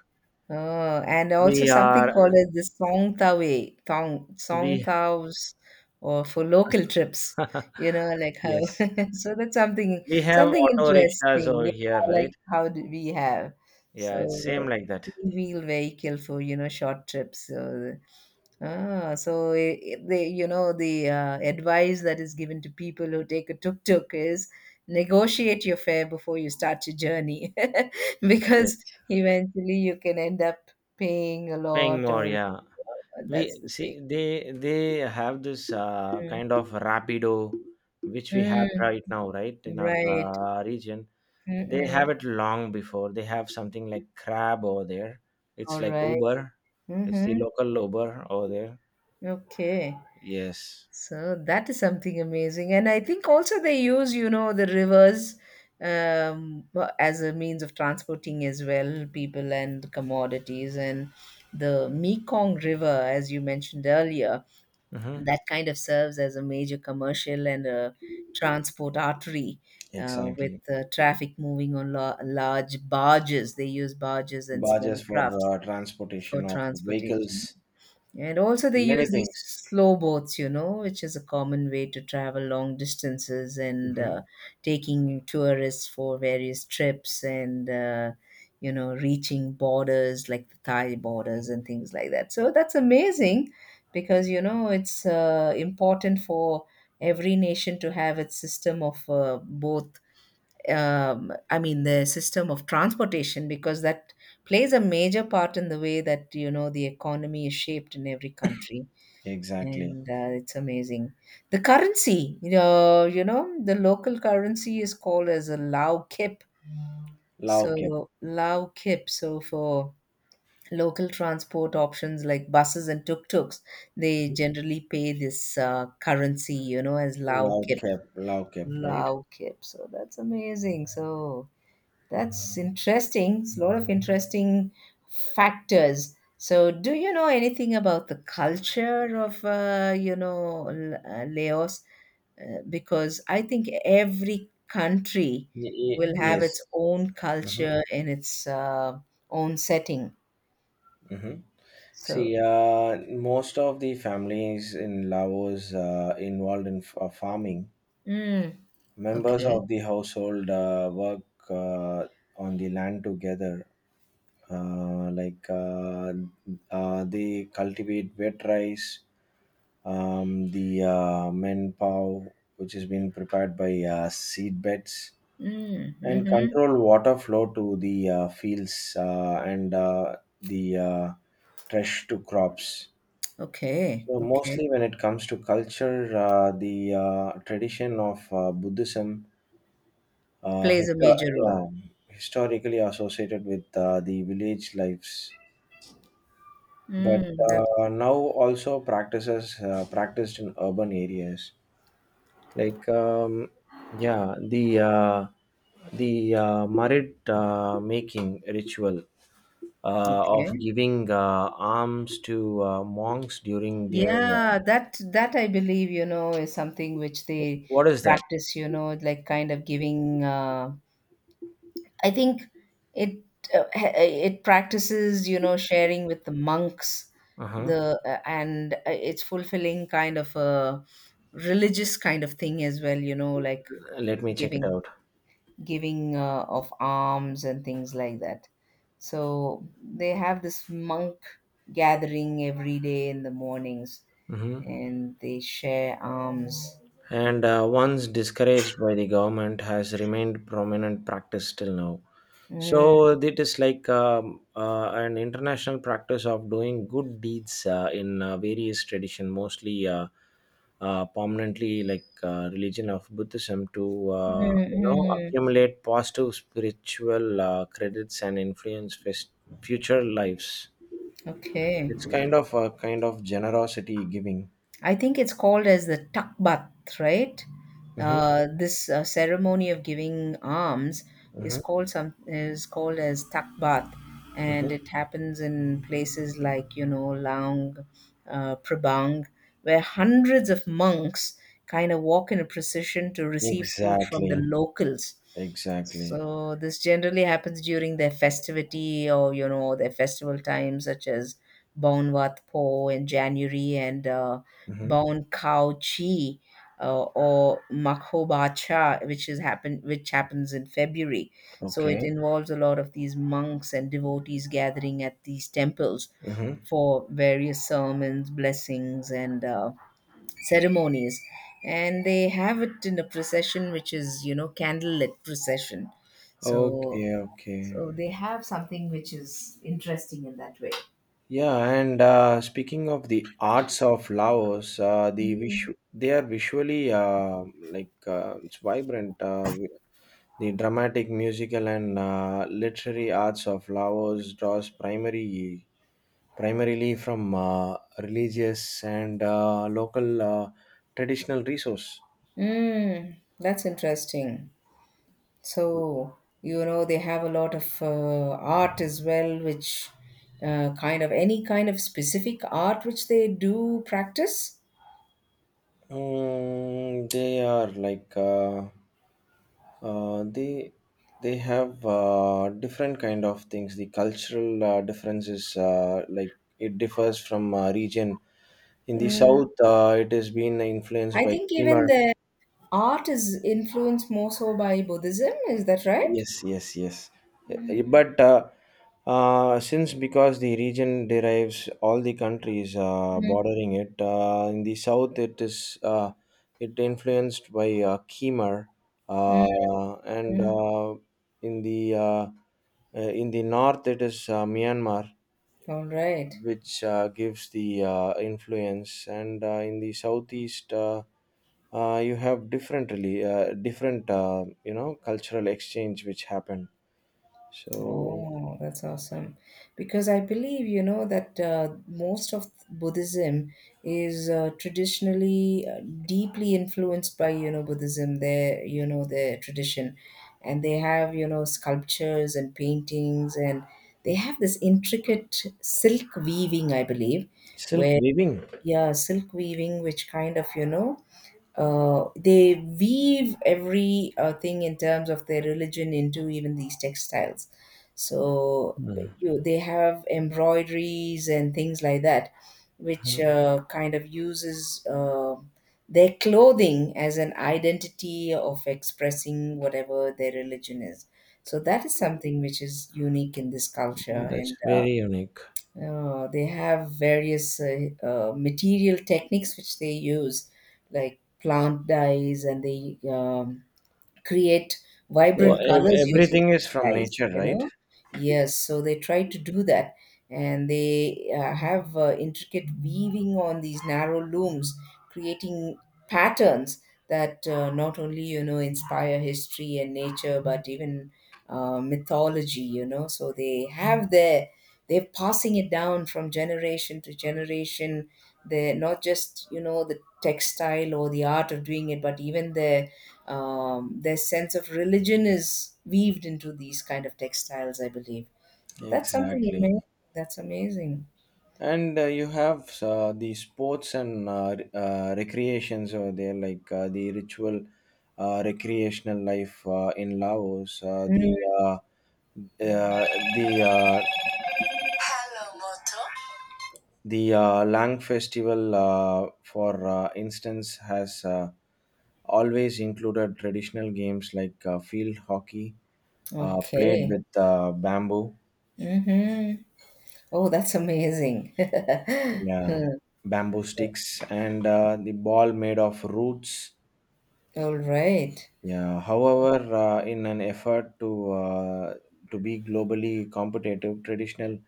[SPEAKER 2] oh, and also
[SPEAKER 1] We
[SPEAKER 2] something
[SPEAKER 1] are
[SPEAKER 2] called as the Song Tha Way, Tong Song
[SPEAKER 1] we
[SPEAKER 2] Thaws, or for local trips. You know, like how.
[SPEAKER 1] yes
[SPEAKER 2] So that's something,
[SPEAKER 1] we have
[SPEAKER 2] something
[SPEAKER 1] auto rickshaws
[SPEAKER 2] interesting.
[SPEAKER 1] over
[SPEAKER 2] Yeah,
[SPEAKER 1] here, right?
[SPEAKER 2] like how do we have so
[SPEAKER 1] Yeah, it's same like that.
[SPEAKER 2] three-wheel vehicle for, you know, short trips. So ah, so the, you know, the advice that is given to people who take a tuk-tuk is negotiate your fare before you start your journey
[SPEAKER 1] Yes,
[SPEAKER 2] because eventually you can end up paying a
[SPEAKER 1] paying
[SPEAKER 2] lot,
[SPEAKER 1] more.
[SPEAKER 2] or
[SPEAKER 1] Yeah. We
[SPEAKER 2] that's the thing.
[SPEAKER 1] see they have this
[SPEAKER 2] Mm.
[SPEAKER 1] kind of rapido which we
[SPEAKER 2] Mm.
[SPEAKER 1] have right now right in our
[SPEAKER 2] Right.
[SPEAKER 1] region. They have
[SPEAKER 2] Mm-mm.
[SPEAKER 1] it long before. They have something like crab over there.
[SPEAKER 2] All
[SPEAKER 1] It's like
[SPEAKER 2] right.
[SPEAKER 1] Uber. It's the
[SPEAKER 2] Mm-hmm.
[SPEAKER 1] local Uber over there.
[SPEAKER 2] Okay.
[SPEAKER 1] Yes.
[SPEAKER 2] So that is something amazing. And I think also they use, you know, the rivers, um, as a means of transporting as well, people and commodities. And the Mekong River, as you mentioned earlier,
[SPEAKER 1] Hmm.
[SPEAKER 2] that kind of serves as a major commercial and a transport artery. With
[SPEAKER 1] Exactly.
[SPEAKER 2] traffic moving on large barges, they use barges and small
[SPEAKER 1] Barges for
[SPEAKER 2] crafts for
[SPEAKER 1] transportation of
[SPEAKER 2] transportation.
[SPEAKER 1] vehicles.
[SPEAKER 2] And also, they
[SPEAKER 1] Many
[SPEAKER 2] use these
[SPEAKER 1] things.
[SPEAKER 2] slow boats, you know, which is a common way to travel long distances and,
[SPEAKER 1] Hmm.
[SPEAKER 2] taking tourists for various trips, and you know, reaching borders like the Thai borders and things like that. So that's amazing because, you know, it's important for every nation to have its system of both, I mean, the system of transportation, because that plays a major part in the way that, you know, the economy is shaped in every country.
[SPEAKER 1] Exactly.
[SPEAKER 2] And it's amazing. The currency, the local currency is called as a Lao Kip.
[SPEAKER 1] Low cap.
[SPEAKER 2] So, Lao Kip. So, for local transport options like buses and tuk-tuks, they generally pay this currency, you know, as Lao
[SPEAKER 1] Low
[SPEAKER 2] Kip.
[SPEAKER 1] cap. Low cap, right.
[SPEAKER 2] Lao Kip. So, that's amazing. So, that's interesting. It's a lot of interesting factors. So, do you know anything about the culture of, you know, Laos? Because I think every country
[SPEAKER 1] Y- y-
[SPEAKER 2] will have
[SPEAKER 1] yes.
[SPEAKER 2] its own
[SPEAKER 1] Hmm.
[SPEAKER 2] culture in its own setting.
[SPEAKER 1] Hmm.
[SPEAKER 2] So,
[SPEAKER 1] See, most of the families in Laos involved in farming,
[SPEAKER 2] mm,
[SPEAKER 1] members
[SPEAKER 2] okay.
[SPEAKER 1] of the household work uh, on the land together. Uh, like uh, they cultivate wet rice, the men pow, which is being prepared by seed beds,
[SPEAKER 2] Mm,
[SPEAKER 1] and
[SPEAKER 2] hmm.
[SPEAKER 1] control water flow to the fields and the trash to crops.
[SPEAKER 2] Okay.
[SPEAKER 1] So
[SPEAKER 2] Okay.
[SPEAKER 1] mostly when it comes to culture, the tradition of Buddhism, uh,
[SPEAKER 2] Plays a
[SPEAKER 1] histo-
[SPEAKER 2] major role.
[SPEAKER 1] yeah, historically associated with the village lives, but
[SPEAKER 2] Mm, that,
[SPEAKER 1] now also practices practiced in urban areas. Like yeah, the marid making ritual of
[SPEAKER 2] okay.
[SPEAKER 1] giving alms to monks during their
[SPEAKER 2] Yeah, that I believe, you know, is something which they
[SPEAKER 1] what is that?
[SPEAKER 2] practice, you know, like kind of giving uh, I think it it practices, you know, sharing with the monks
[SPEAKER 1] Uh huh.
[SPEAKER 2] the and it's fulfilling kind of a religious kind of thing as well, you know, like
[SPEAKER 1] Let me check it
[SPEAKER 2] giving
[SPEAKER 1] out.
[SPEAKER 2] giving of alms and things like that. So they have this monk gathering every day in the mornings
[SPEAKER 1] Hmm.
[SPEAKER 2] and they share alms.
[SPEAKER 1] And once discouraged by the government, has remained prominent practice till now.
[SPEAKER 2] Mm,
[SPEAKER 1] So it is like an international practice of doing good deeds in various tradition, mostly prominently like religion of Buddhism, to you know
[SPEAKER 2] mm, mm.
[SPEAKER 1] accumulate positive spiritual credits and influence future lives.
[SPEAKER 2] Okay.
[SPEAKER 1] It's kind of generosity giving.
[SPEAKER 2] I think it's called as the takbat, right?
[SPEAKER 1] Mhm.
[SPEAKER 2] This ceremony of giving alms is
[SPEAKER 1] Mm-hmm.
[SPEAKER 2] called some is called as takbat,
[SPEAKER 1] Mm-hmm.
[SPEAKER 2] and it happens in places like Lang Prabang, where hundreds of monks kind of walk in a procession to receive food from the
[SPEAKER 1] Exactly.
[SPEAKER 2] locals.
[SPEAKER 1] Exactly.
[SPEAKER 2] So this generally happens during their festivity or their festival time, such as Baon Wat Po in January and
[SPEAKER 1] Mm-hmm.
[SPEAKER 2] Bon Khao Chi or Makho Bacha, which is happen which happens in February. So it
[SPEAKER 1] Okay.
[SPEAKER 2] involves a lot of these monks and devotees gathering at these temples
[SPEAKER 1] Mm-hmm.
[SPEAKER 2] for various sermons, blessings, and ceremonies, and they have it in a procession which is, you know, candlelit procession. so
[SPEAKER 1] Okay.
[SPEAKER 2] so
[SPEAKER 1] Okay.
[SPEAKER 2] they have something which is interesting in that way.
[SPEAKER 1] Yeah. And speaking of the arts of Laos,
[SPEAKER 2] Mm.
[SPEAKER 1] they are visually like it's vibrant. The dramatic, musical, and literary arts of Laos draws primary primarily from religious and local traditional resource.
[SPEAKER 2] Mm, that's interesting. So, you know, they have a lot of art as well, which kind of, any kind of specific art which they do practice.
[SPEAKER 1] Mm, they are like uh, they they have different kind of things. The cultural differences like it differs from region. In the
[SPEAKER 2] Mm,
[SPEAKER 1] south, it has been influenced
[SPEAKER 2] I
[SPEAKER 1] by
[SPEAKER 2] think even
[SPEAKER 1] Khmer.
[SPEAKER 2] the art is influenced more so by Buddhism, is that right?
[SPEAKER 1] Yes, yes, yes. But Since because the region derives all the countries bordering it, in the south it is it influenced by Khmer,
[SPEAKER 2] Hmm.
[SPEAKER 1] and
[SPEAKER 2] Mm.
[SPEAKER 1] in the uh, in the north it is Myanmar,
[SPEAKER 2] All right.
[SPEAKER 1] which gives the influence, and in the southeast. You have different really different you know cultural exchange which happened. So
[SPEAKER 2] Oh, that's awesome. Because I believe, you know, that most of Buddhism is traditionally deeply influenced by, you know, Buddhism, their, you know, their tradition. And they have, you know, sculptures and paintings, and they have this intricate silk weaving, I believe,
[SPEAKER 1] silk
[SPEAKER 2] where,
[SPEAKER 1] weaving.
[SPEAKER 2] yeah, silk weaving, which kind of, you know, they weave every thing in terms of their religion into even these textiles. So
[SPEAKER 1] Mhm.
[SPEAKER 2] you, they have embroideries and things like that, which kind of uses their clothing as an identity of expressing whatever their religion is. So that is something which is unique in this culture, and
[SPEAKER 1] That's
[SPEAKER 2] uh,
[SPEAKER 1] very unique.
[SPEAKER 2] uh, they have various material techniques which they use, like plant dyes, and they create
[SPEAKER 1] Well,
[SPEAKER 2] vibrant colors using
[SPEAKER 1] everything is
[SPEAKER 2] these
[SPEAKER 1] from
[SPEAKER 2] dyes,
[SPEAKER 1] nature,
[SPEAKER 2] you
[SPEAKER 1] right?
[SPEAKER 2] know? Yes, so they try to do that. And they have intricate weaving on these narrow looms, creating patterns that not only, you know, inspire history and nature, but even mythology, you know? So they have their, they're passing it down from generation to generation. They're not just, you know, the textile or the art of doing it, but even the their sense of religion is weaved into these kind of textiles, I believe, so that's something
[SPEAKER 1] Exactly.
[SPEAKER 2] amazing. That's amazing.
[SPEAKER 1] And you have the sports and recreations over there, like the ritual recreational life in Laos,
[SPEAKER 2] Mm,
[SPEAKER 1] the uh, the Lang festival, for instance, has. Always included traditional games like field hockey, played
[SPEAKER 2] okay.
[SPEAKER 1] with bamboo,
[SPEAKER 2] Hmm. Oh, that's amazing.
[SPEAKER 1] yeah, bamboo sticks, and the ball made of roots.
[SPEAKER 2] All right.
[SPEAKER 1] Yeah. However, in an effort to to be globally competitive, traditional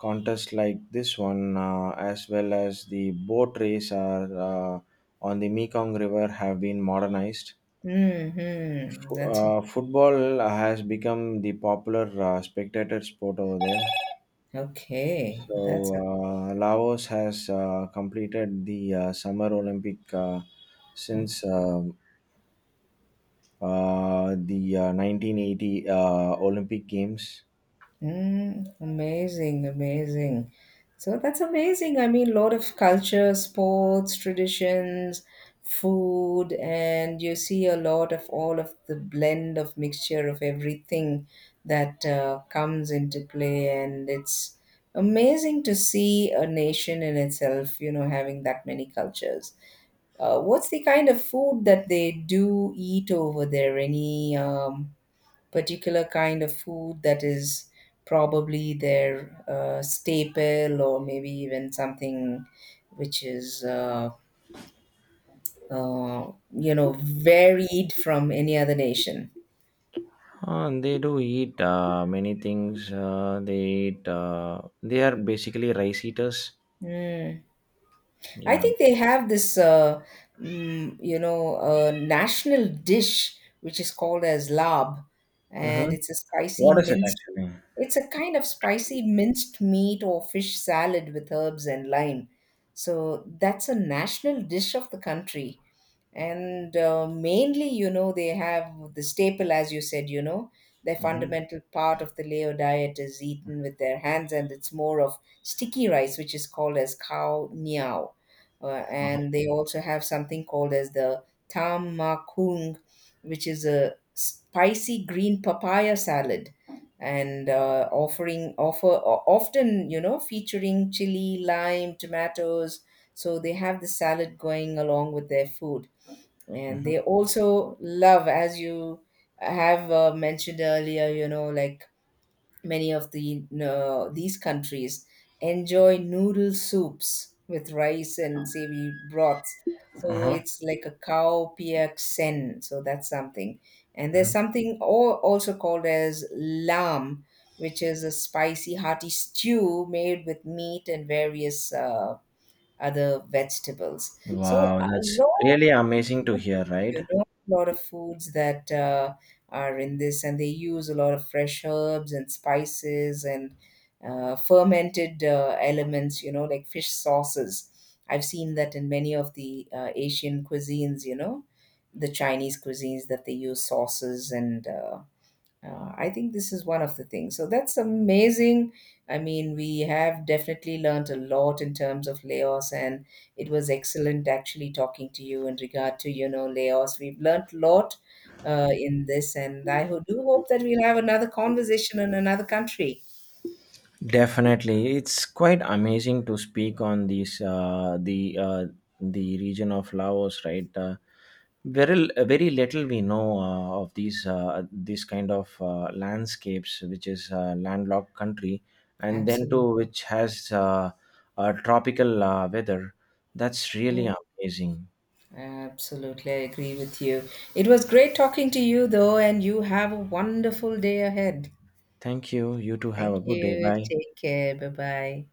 [SPEAKER 1] contests like this one, as well as the boat race, are on the Mekong River, have been modernized.
[SPEAKER 2] Mm-hmm. That's
[SPEAKER 1] Football has become the popular spectator sport over there.
[SPEAKER 2] okay.
[SPEAKER 1] So,
[SPEAKER 2] That's
[SPEAKER 1] Laos has completed the Summer Olympic since the 1980 Olympic Games.
[SPEAKER 2] Mm, amazing, amazing. So that's amazing. I mean, lot of culture, sports, traditions, food, and you see a lot of all of the blend of mixture of everything that comes into play. And it's amazing to see a nation in itself, you know, having that many cultures. What's the kind of food that they do eat over there? Any particular kind of food that is probably their staple, or maybe even something which is you know, varied from any other nation.
[SPEAKER 1] They do eat many things. They eat. They are basically rice eaters.
[SPEAKER 2] Mm. I
[SPEAKER 1] Yeah.
[SPEAKER 2] think they have this, you know, national dish which is called as lab, and
[SPEAKER 1] Mm-hmm.
[SPEAKER 2] it's a spicy
[SPEAKER 1] What is it
[SPEAKER 2] minced.
[SPEAKER 1] actually?
[SPEAKER 2] It's a kind of spicy minced meat or fish salad with herbs and lime. So that's a national dish of the country. And mainly, you know, they have the staple, as you said, you know, their
[SPEAKER 1] Mm-hmm.
[SPEAKER 2] fundamental part of the Lao diet is eaten with their hands, and it's more of sticky rice, which is called as cow niao, and they also have something called as the tam makung, which is a spicy green papaya salad, and often you know, featuring chili, lime, tomatoes. So they have the salad going along with their food, and
[SPEAKER 1] Mm-hmm.
[SPEAKER 2] they also love, as you have mentioned earlier. You know, like many of the these countries enjoy noodle soups with rice and savory broths. So
[SPEAKER 1] Uh-huh.
[SPEAKER 2] it's like a cow piak sen. So that's something. And there's something also called as lamb, which is a spicy, hearty stew made with meat and various other vegetables. So
[SPEAKER 1] Wow,
[SPEAKER 2] a
[SPEAKER 1] that's really
[SPEAKER 2] lot of
[SPEAKER 1] amazing to
[SPEAKER 2] foods,
[SPEAKER 1] hear, right?
[SPEAKER 2] you know, a lot of foods that are in this, and they use a lot of fresh herbs and spices and fermented elements. You know, like fish sauces. I've seen that in many of the Asian cuisines. You know, the Chinese cuisines that they use sauces and I think this is one of the things. So that's amazing. I mean, we have definitely learnt a lot in terms of layoffs, and it was excellent actually talking to you in regard to, you know, layoffs. We've learnt a lot in this, and I do hope that we'll have another conversation in another country.
[SPEAKER 1] Definitely, it's quite amazing to speak on these the region of Laos, right? Very very little we know of these kind of landscapes, which is a landlocked country, and then
[SPEAKER 2] Absolutely.
[SPEAKER 1] to which has a tropical weather. That's really amazing.
[SPEAKER 2] Absolutely, I agree with you. It was great talking to you, though, and you have a wonderful day ahead.
[SPEAKER 1] Thank you. You too have
[SPEAKER 2] Thank
[SPEAKER 1] a good day.
[SPEAKER 2] you.
[SPEAKER 1] Bye.
[SPEAKER 2] Take care. Bye bye.